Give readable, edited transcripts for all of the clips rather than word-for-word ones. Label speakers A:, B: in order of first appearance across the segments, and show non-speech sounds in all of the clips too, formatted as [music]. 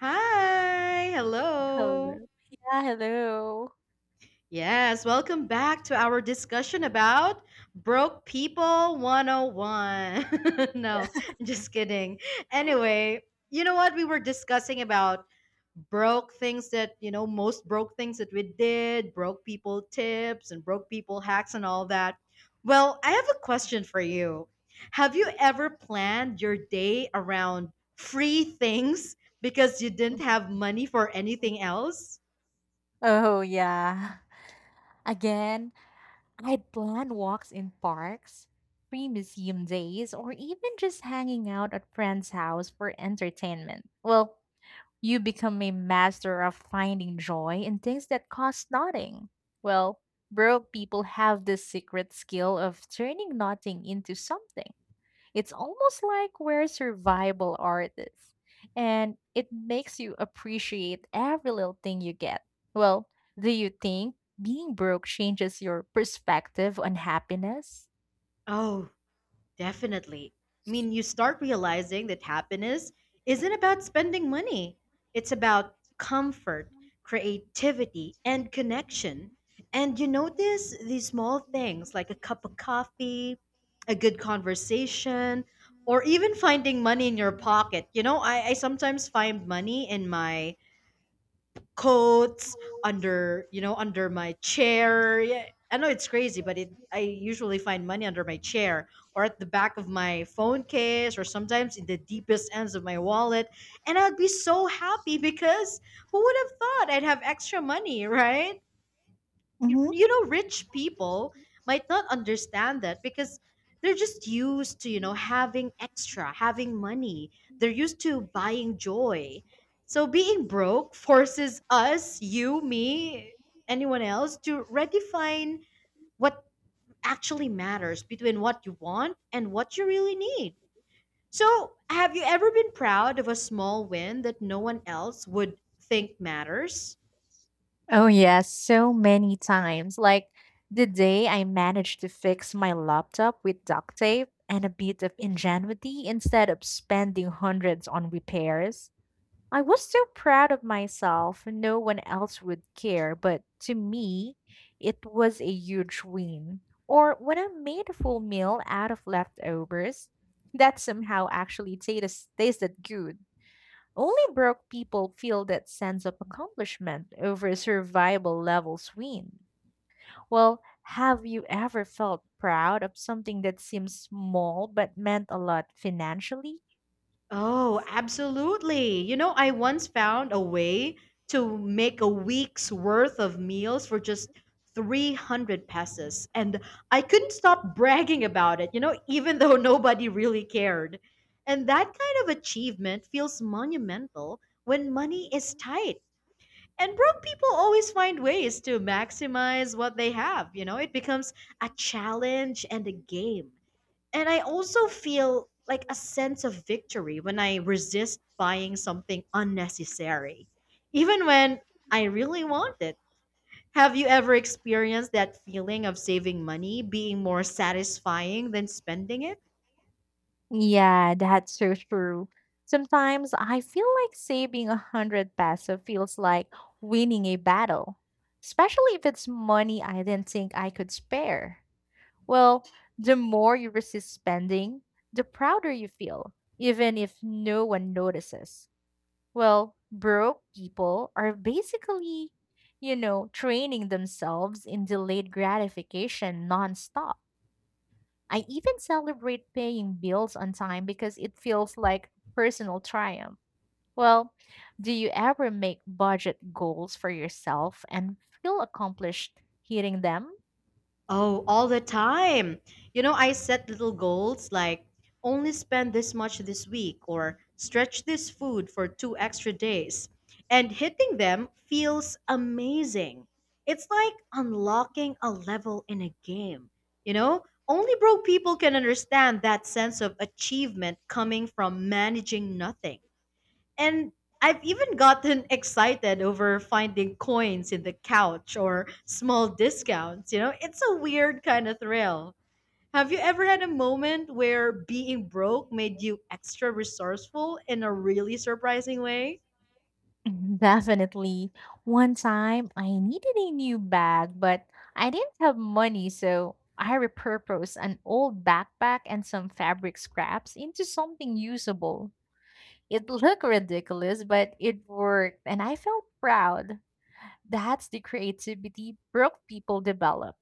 A: Hi, hello.
B: Hello. Yeah, hello.
A: Yes, welcome back to our discussion about Broke People 101. [laughs] No,
B: Yeah.
A: just kidding. Anyway, you know what? We were discussing about broke things that, you know, most broke things that we did, broke people tips and broke people hacks and all that. Well, I have a question for you. Have you ever planned your day around free things because you didn't have money for
B: Mhm.
A: anything else?
B: Oh, yeah. Again, I'd plan walks in parks, free museum days, or even just hanging out at friends' house for entertainment. Well, you become a master of finding joy in things that cost nothing. Well, broke people have this secret skill of turning nothing into something. It's almost like we're survival artists, and it makes you appreciate every little thing you get. Well, do you think being broke changes your perspective on happiness?
A: Oh. Definitely. I mean, you start realizing that happiness isn't about spending money, it's about comfort, creativity, and connection. And you notice these small things like a cup of coffee, a good conversation, or even finding money in your pocket. You know, I sometimes find money in my coats under under my chair, yeah. I know it's crazy, but it I usually find money under my chair or at the back of my phone case or sometimes in the deepest ends of my wallet, and I'd be so happy because who would have thought I'd have extra money? [laughs] Right. you,
B: Mhm.
A: you know rich people might not understand that because they're just used to having extra, having money. They're used to buying joy. So being broke forces us, you, me, anyone else to redefine what actually matters between what you want and what you really need. So have you ever been proud of a small win that no one else would think matters?
B: Oh, yes, so many times. Like the day I managed to fix my laptop with duct tape and a bit of ingenuity instead of spending hundreds on repairs. I was so proud of myself. No one else would care, but to me, it was a huge win. Or when I made a full meal out of leftovers, that somehow actually tastes tasted good. Only broke people feel that sense of accomplishment over a survival levels win. Well, have you ever felt proud of something that seems small but meant a lot financially?
A: Oh, absolutely. You know, I once found a way to make a week's worth of meals for just 300 pesos, and I couldn't stop bragging about it, even though [laughs] nobody really cared. And that kind of achievement feels monumental when money is tight. And broke people always find ways to maximize what they have, it becomes a challenge and a game. And I also feel like a sense of victory when I resist buying something unnecessary, even when I really want it. Have you ever experienced that feeling of saving money being more satisfying than spending it?
B: Yeah, that's so true. Sometimes I feel like saving a 100 peso feels like winning a battle, especially if it's money I didn't think I could spare. Well, the more you resist spending, the prouder you feel, even if no one notices. Well, broke people are basically, training themselves in delayed gratification nonstop. I even celebrate paying bills on time because it feels like personal triumph. Well, do you ever make budget goals for yourself and feel accomplished hitting them?
A: Oh, all the time. You know, I set little goals like only
B: When
A: spend
B: this
A: this much
B: thing
A: this week or stretch this
B: slash this
A: food
B: name,
A: for
B: search
A: two extra
B: this
A: days. And hitting them feels amazing. It's like unlocking a level in a game. You know, only broke people can understand that sense of achievement coming from managing nothing. And I've even gotten excited over finding coins in the couch or small discounts. You know, it's a weird kind of thrill. Have you ever had a
B: thing for two extra days.
A: moment where
B: This thing program will be
A: being broke made you extra
B: extra
A: resourceful in a
B: resourceful in a
A: really
B: really
A: surprising way?
B: surprising way. [laughs] Definitely. One time I needed a new bag, but I didn't have money, so I repurposed an old backpack and some fabric scraps into something usable. It looked ridiculous, but it worked, and I felt proud. That's the creativity broke people develop.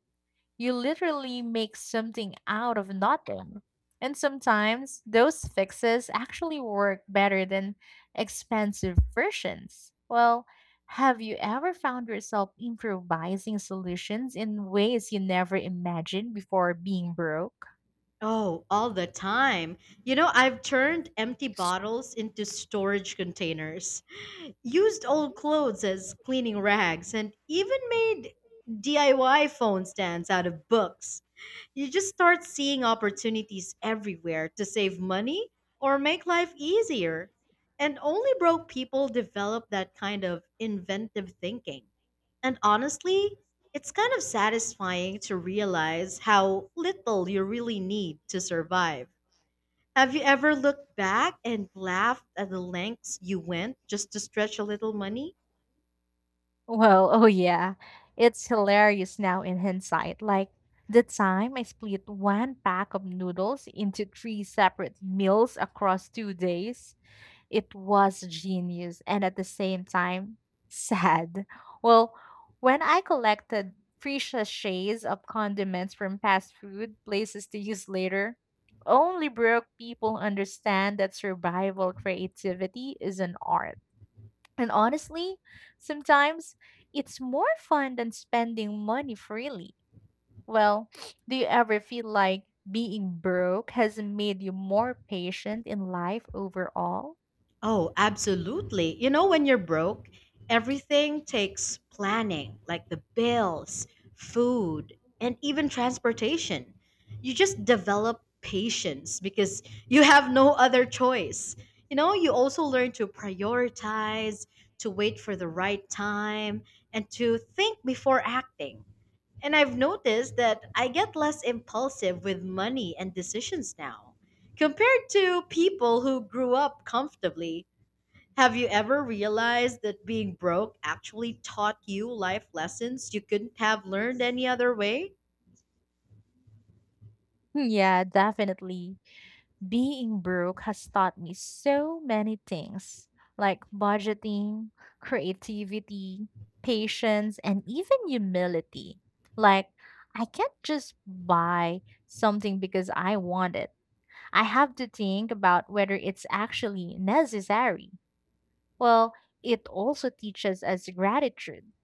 B: You literally make something out of nothing. And sometimes those fixes actually work better than expensive versions. Well, have you ever found yourself improvising solutions in ways you never imagined before being broke?
A: Oh, all the time. You know, I've turned empty bottles into storage containers, used old clothes as cleaning rags, and even made DIY phone stands out of books. You just start seeing opportunities everywhere to save money or make life easier. And only broke people develop that kind of inventive thinking. And honestly, it's kind of satisfying to realize how little you really need to survive. Have you ever looked back and laughed at the lengths you went just to stretch a little money?
B: Well, oh yeah. It's hilarious now in hindsight. Like the time I split one pack of noodles into three separate meals across 2 days, it was genius and at the same time sad. Well, when I collected free sachets of condiments from fast food places to use later, only broke people understand that survival creativity is an art. And honestly, sometimes it's more fun than spending money freely. Well, [sniffs] do you ever feel like being broke has made you more patient in life overall?
A: Oh, absolutely. You know, when you're broke, everything takes planning, like the bills, food, and even transportation. You just develop patience because you have no other choice. You know, you also learn to
B: [laughs]
A: prioritize, to wait for the right time, and to think before acting. And I've noticed that I get less impulsive with money and decisions now compared to people who grew up comfortably. Have you ever realized that being broke actually taught you life lessons you couldn't have learned any other way?
B: Hmm, yeah, definitely. Being broke has taught me so many things like budgeting, creativity, patience, and even humility. Like, I can't just buy something because I want it. I have to think about whether it's actually necessary. Well, it also teaches us gratitude.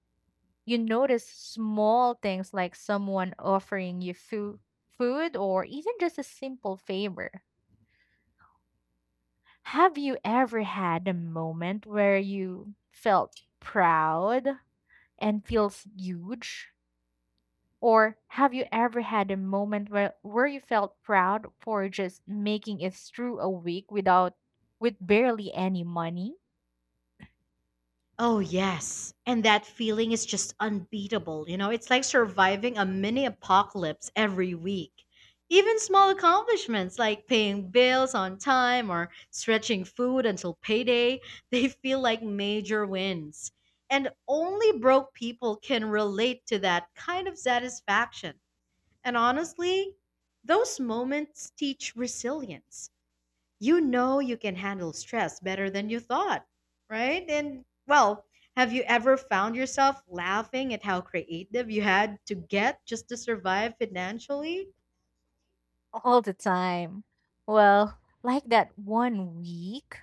B: You notice small things like someone offering you food, or even just a simple favor. Have you ever had a moment where you felt proud and feels huge? Or have you ever had a moment where you felt proud for just making it through a week without with barely any money?
A: Oh, yes. And that feeling is just unbeatable. You know, it's like surviving a mini apocalypse every week. Even small accomplishments like paying bills on time or stretching food until payday, [laughs] they feel like major wins. And only broke people can relate to that kind of satisfaction. And honestly, those moments teach resilience. You know you can handle stress better than you thought, right? And well, have you ever found yourself laughing at how creative you had to get just to survive financially?
B: All the time. Well, like that one week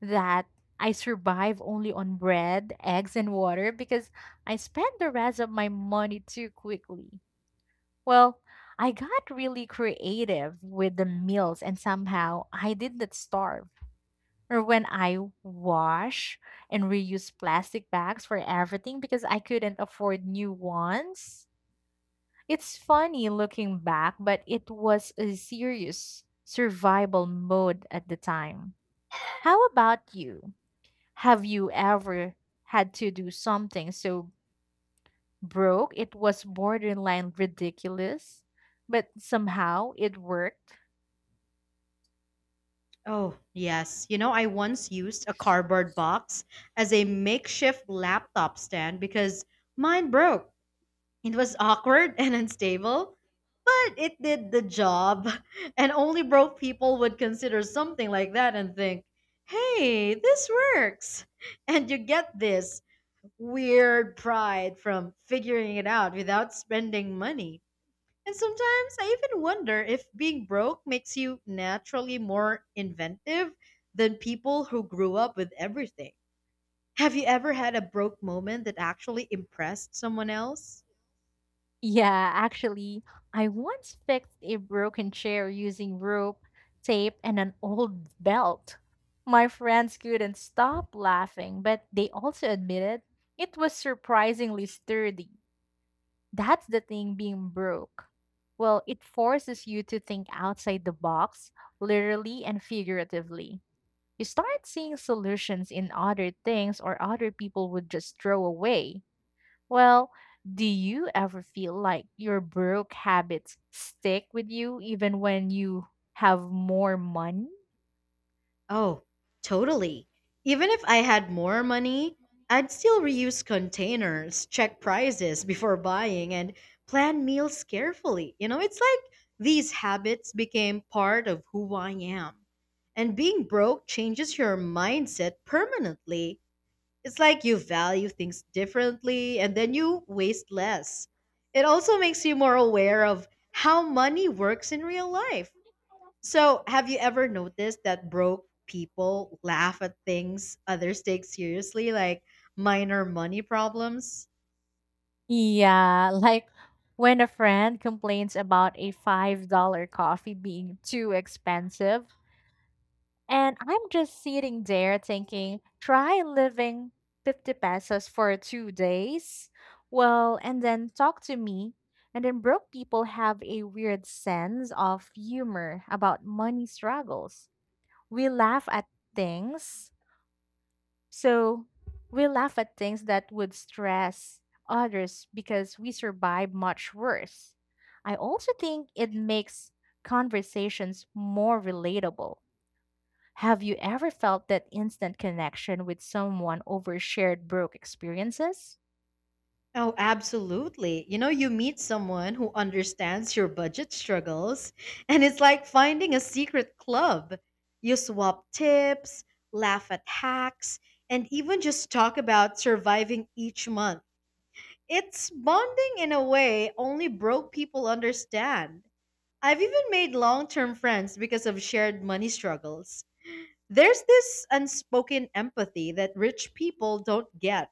B: that I survive only on bread, eggs, and water because I spent the rest of my money too quickly. Well, I got really creative with the meals and somehow I did not starve. Or when I wash and reuse plastic bags for everything because I couldn't afford new ones. It's funny looking back, but it was a serious survival mode at the time. How about you? Have you ever had to do something so broke, it was borderline ridiculous, but somehow it worked?
A: Oh, yes. You know, I once used a cardboard box as a makeshift laptop stand because mine broke. It was awkward [laughs] and unstable, but it did the job. [laughs] And only broke people would consider something like that and think, hey, this works. [laughs] And you get this weird pride from figuring it out without spending money. And sometimes I even wonder if being broke makes you naturally more inventive than people who grew up with everything. Have you ever had a broke moment that actually impressed someone else?
B: Yeah, actually, I once fixed a broken chair using rope, tape, and an old belt. My friends couldn't stop laughing, but they also admitted it was surprisingly sturdy. That's the thing being broke. Well, it forces you to think outside the box, literally and figuratively. You start seeing solutions in other things or other people would just throw away. Well, do you ever feel like your broke habits stick with you even when you have more money?
A: Oh, totally. Even if I had more money, I'd still reuse containers, check prices before buying, and plan meals carefully. You know, it's like these habits became part of who I am. And being broke changes your mindset permanently. It's like you value things differently and then you waste less. It also makes you more aware of how money works in real life. So, have you ever noticed that broke people laugh at things others take seriously, like minor money problems?
B: Yeah, [laughs] like when a friend complains about a $5 coffee being too expensive, and I'm just sitting there thinking, try living 50 pesos for 2 days. Well, and then talk to me. And then broke people have a weird sense of humor about money struggles. We laugh at things. So we laugh at things that would stress others because we survive much worse. I also think it makes conversations more relatable. Have you ever felt that instant connection with someone over shared broke experiences?
A: Oh, absolutely. You know, you meet someone who understands your budget struggles, and it's like finding a secret club. You swap tips, laugh at hacks, and even just talk about surviving each month. It's bonding in a way only broke people understand. I've even made long term friends because of shared money struggles. There's this unspoken empathy that rich people don't get.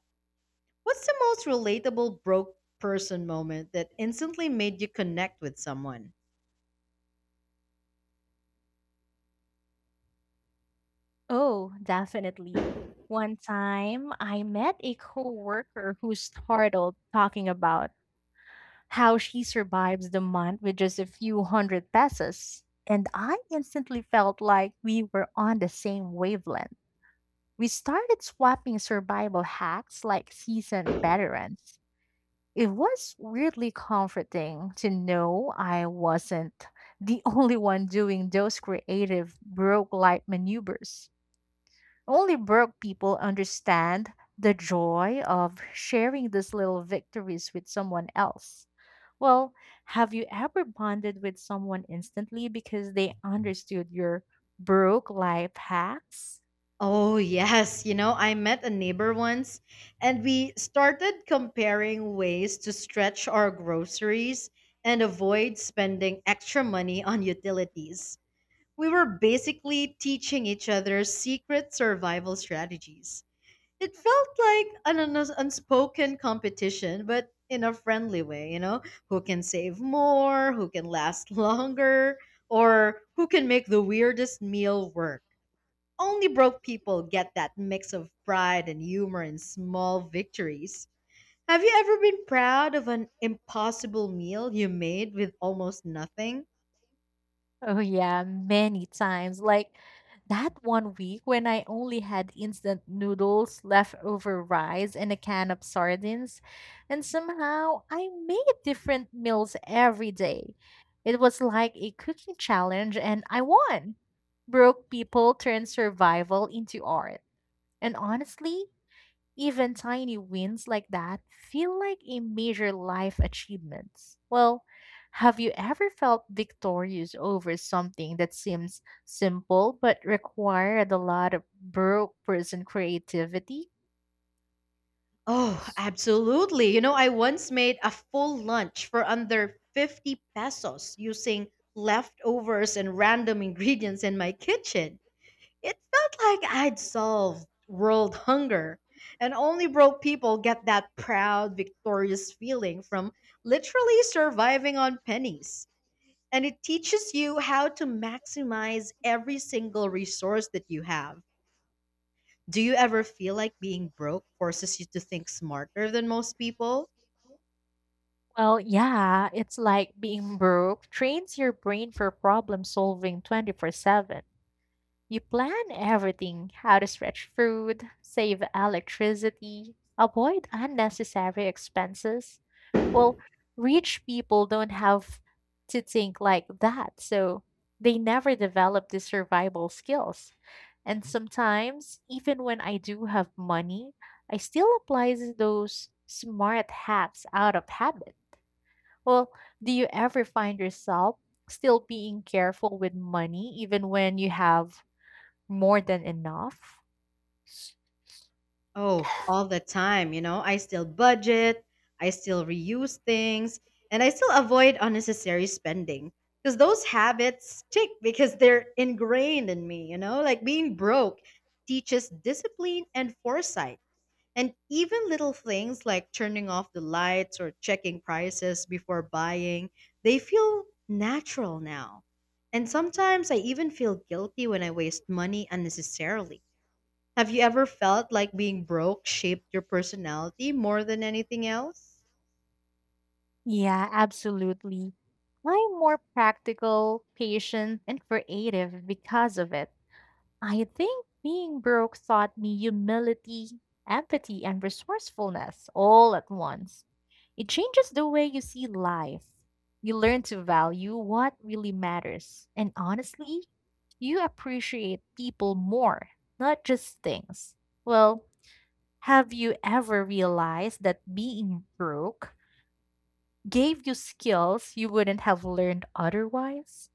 A: What's the most relatable broke person moment that instantly made you connect with someone?
B: Oh, definitely. One time I met a coworker who startled talking about how she survives the month with just a few hundred pesos. And I instantly felt like we were on the same wavelength. We started swapping survival hacks like seasoned veterans. It was weirdly comforting to know I wasn't the [laughs] only one doing those creative broke light maneuvers. Only broke people understand the joy of sharing these little victories with someone else. Well, have you ever bonded with someone instantly because they understood your broke life hacks?
A: Oh, yes. You know, I met a neighbor once and we started comparing ways to stretch our groceries and avoid spending extra money on utilities. We were basically teaching each other secret survival strategies. It felt like an unspoken competition, but in a friendly way, you know, who can save more, who can last [laughs] longer, or who can make the weirdest meal work. Only broke people get that mix of pride and humor in small victories. Have you ever been proud of an impossible meal you made with almost nothing?
B: Oh yeah, many times. Like that one week when I only had instant noodles, leftover rice, and a can of sardines, and somehow I made different meals every day. It was like a cooking challenge and I won. Broke people turned survival into art. And honestly, even tiny wins like that feel like a major life achievement. Well, have you ever felt victorious over something that seems simple but required a lot of broke person creativity?
A: Oh, absolutely. You know, I once made a full lunch for under 50 pesos using leftovers and random ingredients in my kitchen. It felt like I'd solved world hunger. And only broke people get that proud, victorious feeling from literally surviving on pennies. And it
B: And it
A: teaches you
B: teaches you
A: how to
B: how to maximize every single resource that can help you need.
A: maximize every
B: I
A: single resource that you have. Do you ever
B: I feel
A: feel
B: like
A: like
B: we're
A: being broke forces you to think
B: supposed
A: smarter than
B: smarter
A: most
B: than most
A: people?
B: people. Well, yeah, it's like being broke trains your brain for problem solving 24/7. You plan everything, how to stretch food, save electricity, avoid unnecessary expenses. Well, rich people don't have to think like that, so they never develop the survival skills. And sometimes, even when I do have money, I still apply those smart hacks out of habit. Well, do you ever find yourself still being careful with money even when you have more than enough?
A: Oh, all the time, you know. I still budget, I still reuse things, and I still avoid unnecessary spending. Because those habits stick because they're ingrained in me, you know? Like being broke teaches discipline and foresight. And even little things like turning off the lights or checking prices before buying, they feel natural now. And sometimes I even feel guilty when I waste money unnecessarily. Have you ever felt like being broke shaped your personality more than anything else?
B: Yeah, absolutely. I'm more practical, patient, and creative because of it. I think being broke taught me humility, empathy, and resourcefulness all at once. It changes the way you see life. You learn to value what really matters. And honestly, you appreciate people more, not just things. Well, have you ever realized that being broke gave you skills you wouldn't have learned otherwise?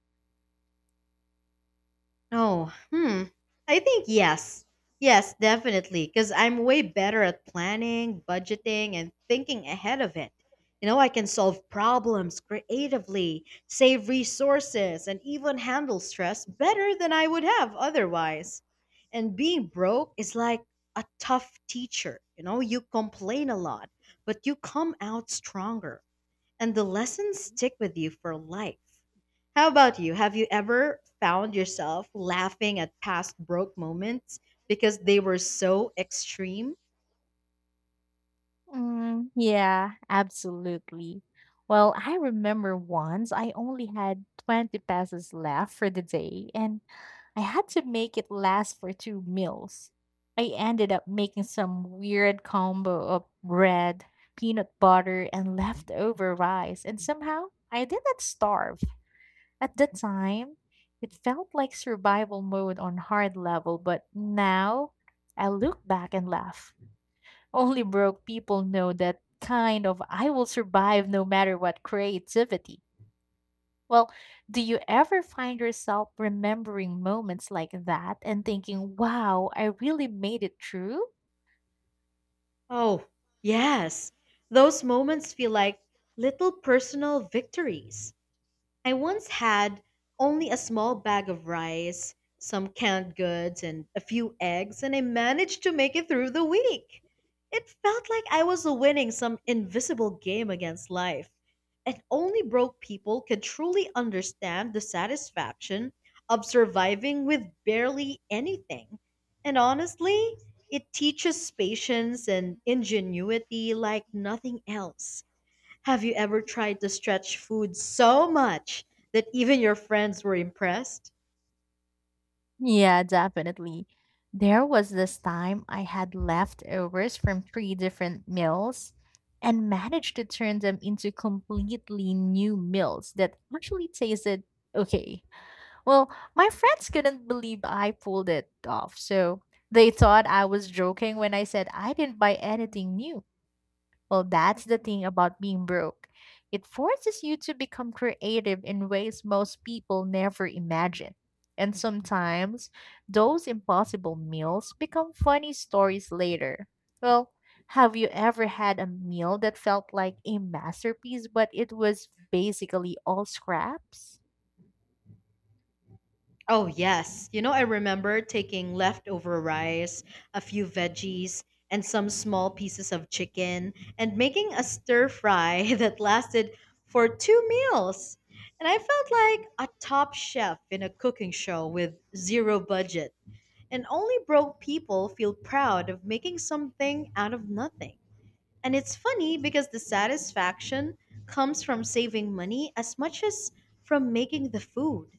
A: Oh, hmm. I think yes. Yes, definitely. Because I'm way better at planning, budgeting, and thinking ahead of it. You know, I can solve problems creatively, save resources, and even handle stress better than I would have otherwise. And being broke is like a tough teacher. You know, you complain a lot, but you come out stronger and the lessons stick with you for life. How about you? Have you ever found yourself laughing at past broke moments because they were so extreme?
B: Mm, yeah, absolutely. Well, I remember once I only had 20 pesos left for the day and I had to make it last for two meals. I ended up making some weird combo of bread, peanut butter, and leftover rice, and somehow I didn't starve. At the time, it felt like survival mode on hard level, but now I look back and laugh. Only broke people know that kind of I will survive no matter what creativity. Well, do you ever find yourself remembering moments like that and thinking, wow, I really made it through?
A: Oh, yes. Those moments feel like little personal victories. I once had only a small bag of rice, some canned goods, and a few eggs, and I managed to make it through the week. It felt like I was winning some invisible game against life. And only broke people could truly understand the satisfaction of surviving with barely anything. And honestly, it teaches patience and ingenuity like nothing else. Have you ever tried to stretch food so much that even your friends were impressed?
B: Yeah, definitely. There was this time I had leftovers from three different meals and managed to turn them into completely new meals that actually tasted okay. Well, my friends couldn't believe I pulled it off, so they thought I was joking when I said I didn't buy anything new. Well, that's the thing about being broke. It forces you to become creative in ways most people never imagine. And sometimes those impossible meals become funny stories later. Well, have you ever had a meal that felt like a masterpiece, but it was basically all scraps?
A: Oh, yes. You know, I remember taking leftover rice, a few veggies, and some small pieces of chicken and making a stir fry [laughs] that lasted for two meals. And I felt like a top chef in a cooking show with zero budget. And only broke people feel proud of making something out of nothing. And it's funny because the satisfaction comes from saving money as much as from making the food.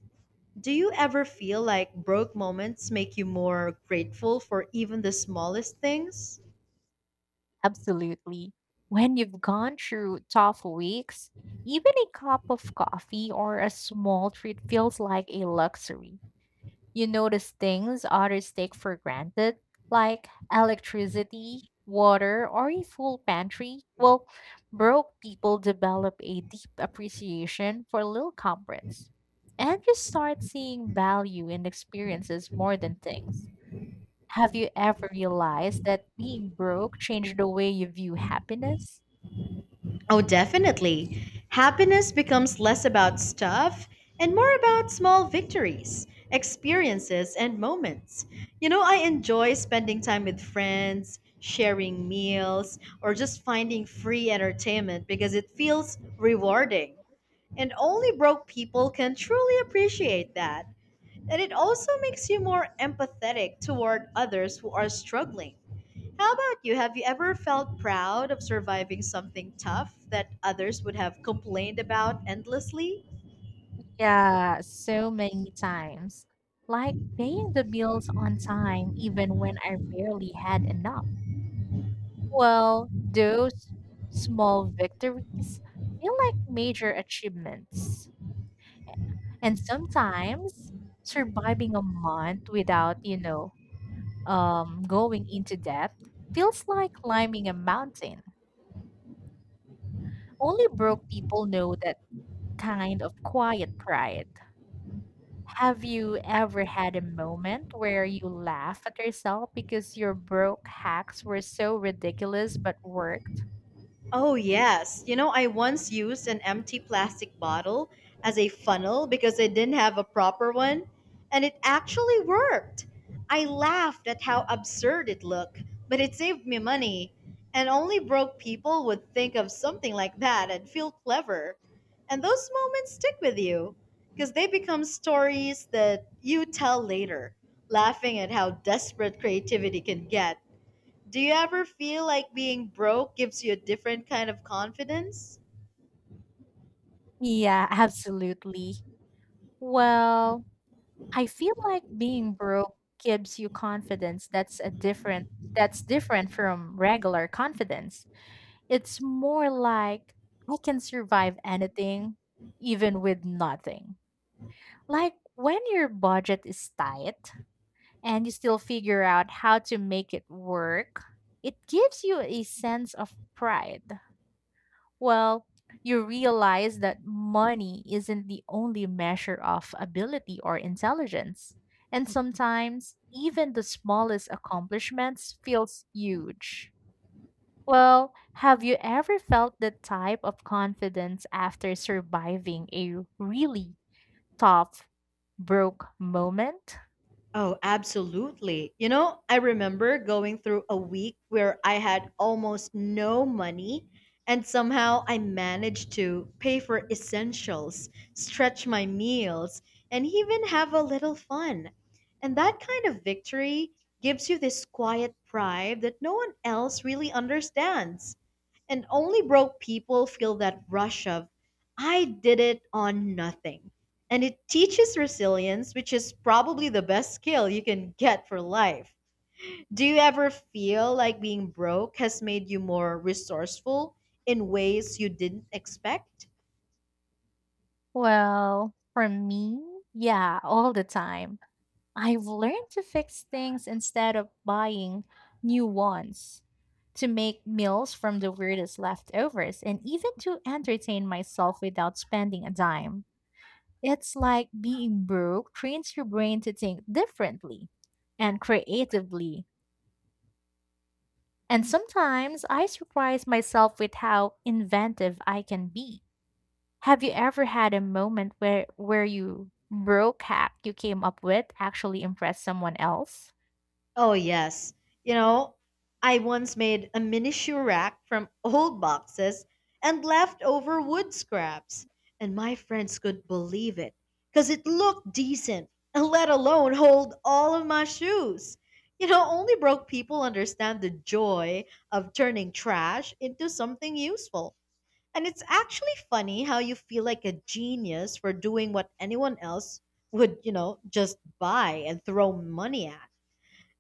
A: Do you ever feel like broke moments make you more grateful for even the smallest things?
B: Absolutely. When you've gone through tough weeks, even a cup of coffee or a small treat feels like a luxury. You notice things others take for granted, like electricity, water, or a full pantry. Well, broke people develop a deep appreciation for little comforts. And you start seeing value in experiences more than things. Have you ever realized that being broke changed the way you view happiness?
A: Oh, definitely. Happiness becomes less about stuff and more about small victories, experiences, and moments. You know, I enjoy spending time with friends, sharing meals, or just finding free entertainment because it feels rewarding. And only broke people can truly appreciate that. And it also makes you more empathetic toward others who are struggling. How about you? Have you ever felt proud of surviving something tough that others would have complained about endlessly?
B: Yeah, so many times. Like paying the bills on time, even when I barely had enough. Well, those small victories feel like major achievements. And sometimes surviving a month without going into debt feels like climbing a mountain. Only broke people know that kind of quiet pride. Have you ever had a moment where you laugh at yourself because your broke hacks were so ridiculous but worked?
A: Oh, yes. You know, I once used an empty plastic bottle as a funnel because I didn't have a proper one, and it actually worked. I laughed at how absurd it looked, but it saved me money. And only broke people would think of something like that and feel clever. And those moments stick with you because they become stories that you tell later, laughing at how desperate creativity can get. Do you ever feel like being broke gives you a different kind of confidence?
B: Yeah, absolutely. Well, I feel like being broke gives you confidence that's different from regular confidence. It's more like I can survive anything even with nothing. Like when your budget is tight, and you still figure out how to make it work, it gives you a sense of pride. Well, you realize that money isn't the only measure of ability or intelligence. And sometimes, even the smallest accomplishments feels huge. Well, have you ever felt that type of confidence after surviving a really tough, broke moment?
A: Oh, absolutely. You know, I remember going through a week where I had almost no money, and somehow I managed to pay for essentials, stretch my meals, and even have a little fun. And that kind of victory gives you this quiet pride that no one else really understands. And only broke people feel that rush of, I did it on nothing. And it teaches resilience, which is probably the best skill you can get for life. Do you ever feel like being broke has made you more resourceful in ways you didn't expect?
B: Well, for me, yeah, all the time. I've learned to fix things instead of buying new ones, to make meals from the weirdest leftovers, and even to entertain myself without spending a dime. It's like being broke trains your brain to think differently and creatively. And sometimes I surprise myself with how inventive I can be. Have you ever had a moment where you broke hack you came up with actually impressed someone else?
A: Oh, yes. You know, I once made a miniature rack from old boxes and leftover wood scraps, and my friends couldn't believe it because it looked decent, and let alone hold all of my shoes. You know, only broke people understand the joy of turning trash into something useful. And it's actually funny how you feel like a genius for doing what anyone else would, you know, just buy and throw money at.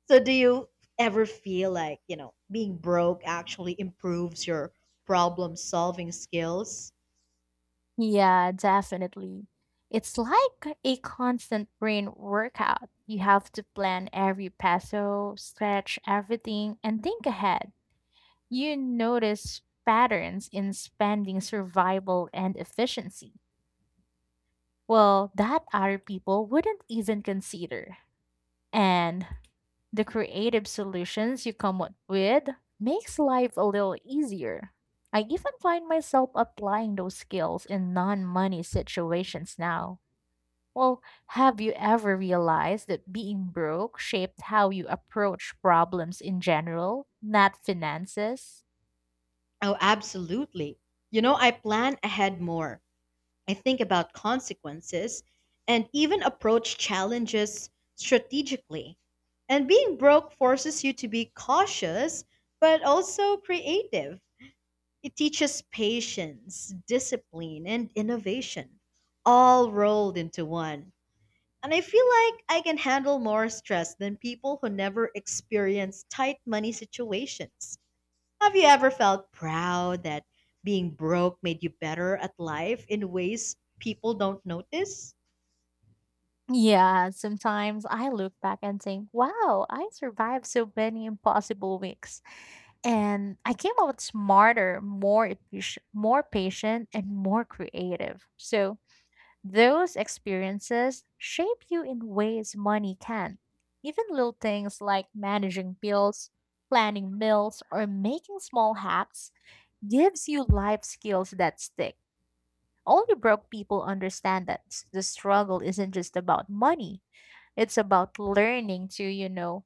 A: So do you ever feel like, you know, being broke actually improves your problem solving skills?
B: Yeah, definitely. It's like a constant brain workout. You have to plan every peso, stretch everything, and think ahead. You notice patterns in spending survival and efficiency. Well, that other people wouldn't even consider. And the creative solutions you come up with makes life a little easier. I even find myself applying those skills in non-money situations now. Well, have you ever realized that being broke shaped how you approach problems in general, not finances?
A: Oh, absolutely. You know, I plan ahead more. I think about consequences and even approach challenges strategically. And being broke forces you to be cautious but also creative. It teaches patience, discipline, and innovation, all rolled into one. And I feel like I can handle more stress than people who never experience tight money situations. Have you ever felt proud that being broke made you better at life in ways people don't notice?
B: Yeah, sometimes I look back and think, wow, I survived so many impossible weeks. And I came out smarter, more efficient, more patient, and more creative. So those experiences shape you in ways money can. Even little things like managing bills, planning meals, or making small hacks gives you life skills that stick. Only broke people understand that the struggle isn't just about money. It's about learning to,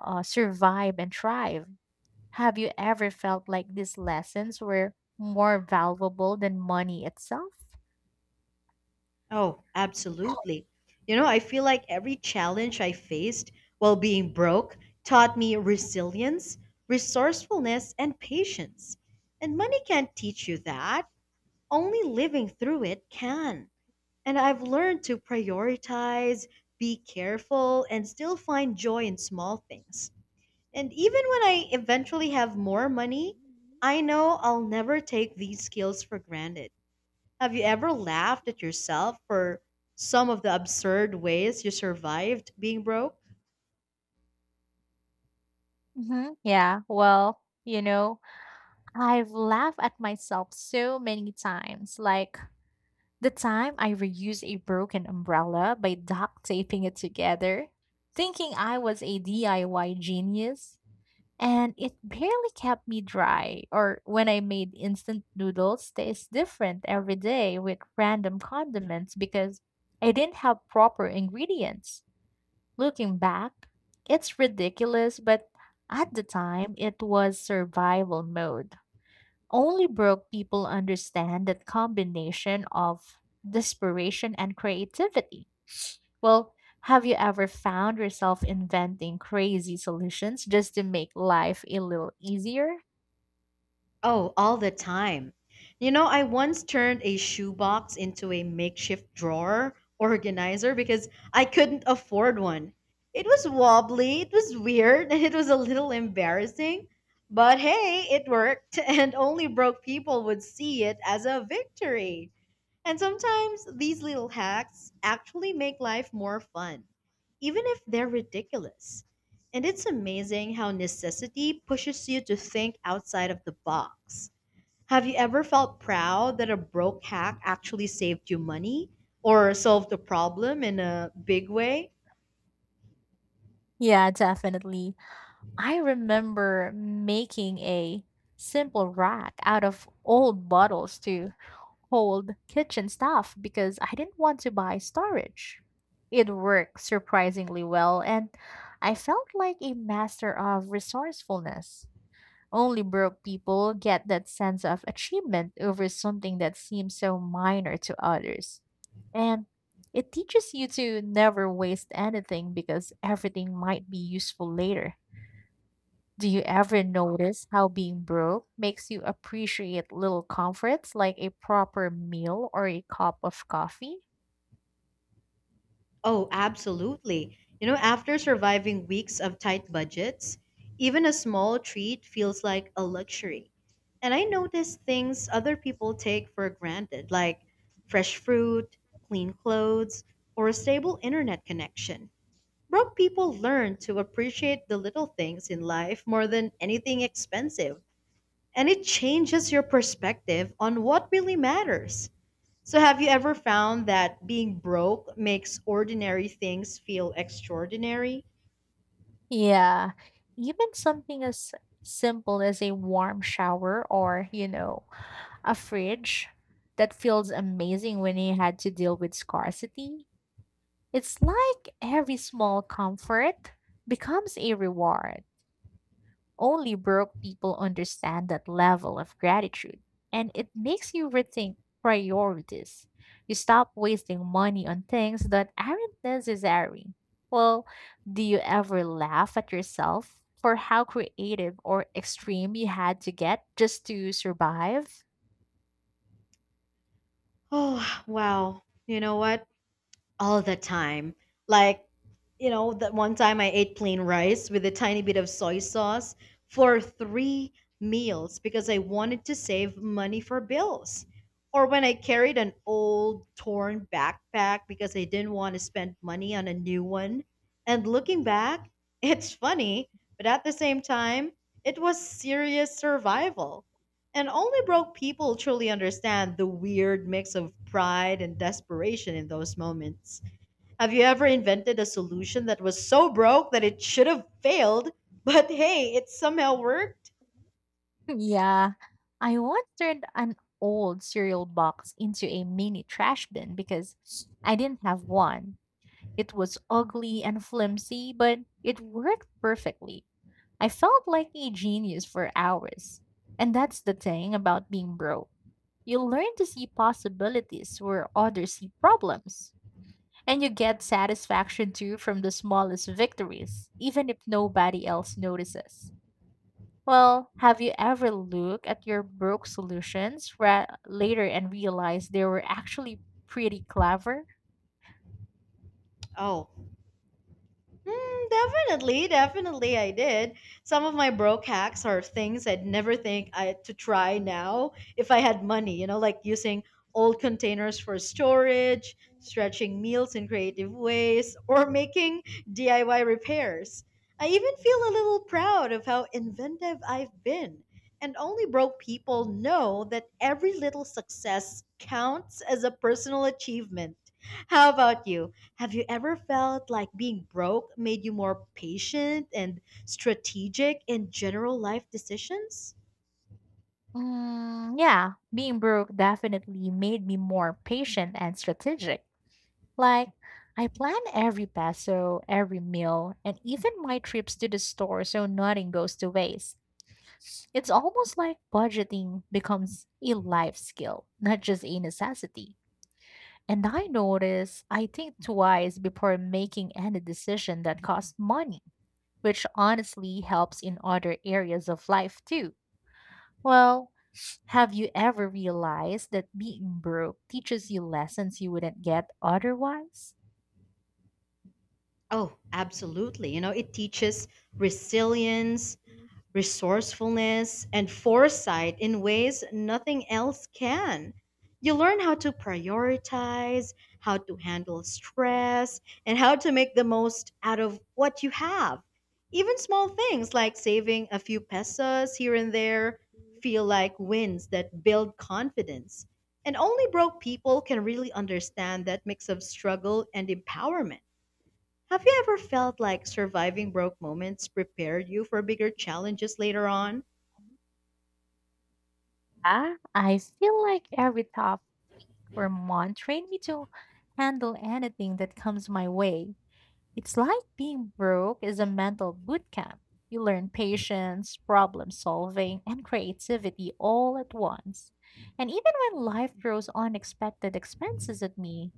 B: survive and thrive. Have you ever felt like these lessons were more valuable than money itself?
A: Oh, absolutely. You know, I feel like every challenge I faced while being broke taught me resilience, resourcefulness, and patience. And money can't teach you that, only living through it can. And I've learned to prioritize, be careful, and still find joy in small things. And even when I eventually have more money, I know I'll never take these skills for granted. Have you ever laughed at yourself for some of the absurd ways you survived being broke?
B: Yeah, well, I've laughed at myself so many times. Like the time I reused a broken umbrella by duct taping it together, thinking I was a DIY genius. And it barely kept me dry. Or when I made instant noodles, tastes different every day with random condiments because I didn't have proper ingredients. Looking back, it's ridiculous, but at the time it was survival mode. Only broke people understand that combination of desperation and creativity. Well, have you ever found yourself inventing crazy solutions just to make life a little easier?
A: Oh, all the time. You know, I once turned a shoebox into a makeshift drawer organizer because I couldn't afford one. It was wobbly, it was weird, [laughs] and it was a little embarrassing. But hey, it worked, [laughs] and only broke people would see it as a victory. And sometimes these little hacks actually make life more fun, even if they're ridiculous. And it's amazing how necessity pushes you to think outside of the box. Have you ever felt proud that a broke hack actually saved you money or solved a problem in a big way?
B: Yeah, definitely. I remember making a simple rack out of old bottles to hold kitchen stuff because I didn't want to buy storage. It worked surprisingly well, and I felt like a master of resourcefulness. Only broke people get that sense of achievement over something that seems so minor to others. And it teaches you to never waste anything because everything might be useful later. Do you ever notice how being broke makes you appreciate little comforts like a proper meal or a cup of coffee?
A: Oh, absolutely. You know, after surviving weeks of tight budgets, even a small treat feels like a luxury. And I notice things other people take for granted, like fresh fruit, clean clothes, or a stable internet connection. Broke people learn to appreciate the little things in life more than anything expensive, and it changes your perspective on what really matters. So, have you ever found that being broke makes ordinary things feel extraordinary? [sighs]
B: Yeah, even something as simple as a warm shower or, a fridge that feels amazing when you had to deal with scarcity. It's like every small comfort becomes a reward. Only broke people understand that level of gratitude, and it makes you rethink priorities. You stop wasting money on things that aren't necessary. Well, do you ever laugh at yourself for how creative or extreme you had to get just to survive?
A: Oh, wow. You know what? All the time. Like, you know, that one time I ate plain rice with a tiny bit of soy sauce for three meals because I wanted to save money for bills. Or when I carried an old torn backpack because I didn't want to spend money on a new one. And looking back, [laughs] it's funny, but at the same time, it was serious survival. And only broke people truly understand the weird mix of pride and desperation in those moments. Have you ever invented a solution that was so broke that it should have failed, but hey, it somehow worked?
B: Yeah, I once turned an old cereal box into a mini trash bin because I didn't have one. It was ugly and flimsy, but it worked perfectly. I felt like a genius for hours. And that's the thing about being broke. You learn to see possibilities where others see problems. And you get satisfaction too from the smallest victories, even if nobody else notices. Well, have you ever looked at your broke solutions later and realized they were actually pretty clever?
A: Oh, definitely, definitely, I did. Some of my broke hacks are things I'd never think I to try now if I had money. You know, like using old containers for storage, stretching meals in creative ways, [laughs] or making DIY repairs. I even feel a little proud of how inventive I've been. And only broke people know that every little success counts as a personal achievement. How about you? Have you ever felt like being broke made you more patient and strategic in general life decisions?
B: Yeah, being broke definitely made me more patient and strategic. Like, I plan every peso, every meal, and even my trips to the store so nothing goes to waste. It's almost like budgeting becomes a life skill, not just a necessity. And I notice I think twice before making any decision that costs money, which honestly helps in other areas of life too. Well, have you ever realized that being broke teaches you lessons you wouldn't get otherwise?
A: Oh, absolutely. You know, it teaches resilience, resourcefulness, and foresight in ways nothing else can. You learn how to prioritize, how to handle stress, and how to make the most out of what you have. Even small things like saving a few pesos here and there feel like wins that build confidence. And only broke people can really understand that mix of struggle and empowerment. Have you ever felt like surviving broke moments prepared you for bigger challenges later on?
B: Ah, I feel like every topic or month trained me to handle anything that comes my way. It's like being broke is a mental boot camp. You learn patience, problem solving, and creativity all at once. And even when life throws unexpected expenses at me,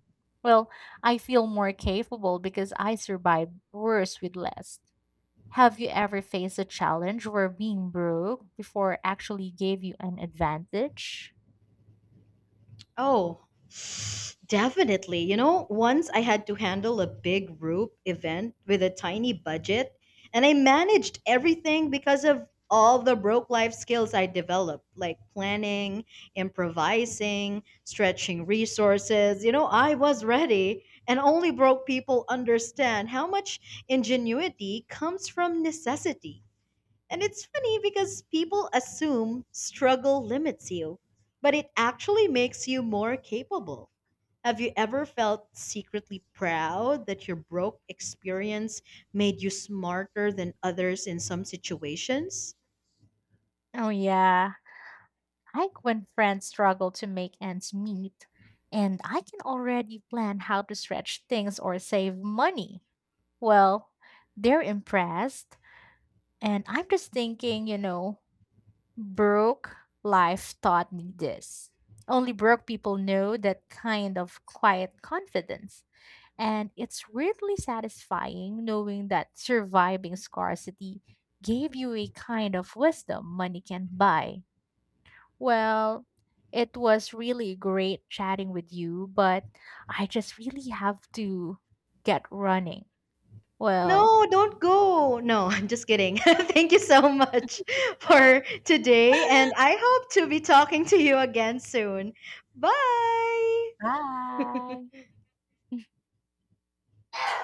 B: well, I feel more capable because I survive worse with less. Have you ever faced a challenge where being broke before actually gave you an advantage?
A: Oh, [sighs] definitely. You know, once I had to handle a big group event with a tiny budget, and I managed everything because of all the broke life skills I developed, like planning, improvising, stretching resources. You know, I was ready, and only broke people understand how much ingenuity comes from necessity. And it's funny because people assume struggle limits you, but it actually makes you more capable. Have you ever felt secretly proud that your broke experience made you smarter than others in some situations?
B: Oh, yeah. Like when friends struggle to make ends meet, and I can already plan how to stretch things or save money. Well, they're impressed, and I'm just thinking, broke life taught me this. Only broke people know that kind of quiet confidence. And it's weirdly satisfying knowing that surviving scarcity gave you a kind of wisdom money can't buy. Well, it was really great chatting with you, but I just really have to get running. Well,
A: No, don't go. No, [laughs] I'm just kidding. [laughs] Thank you so much [laughs] for today, and
B: [laughs]
A: I hope to be talking to you again soon. Bye.
B: bye.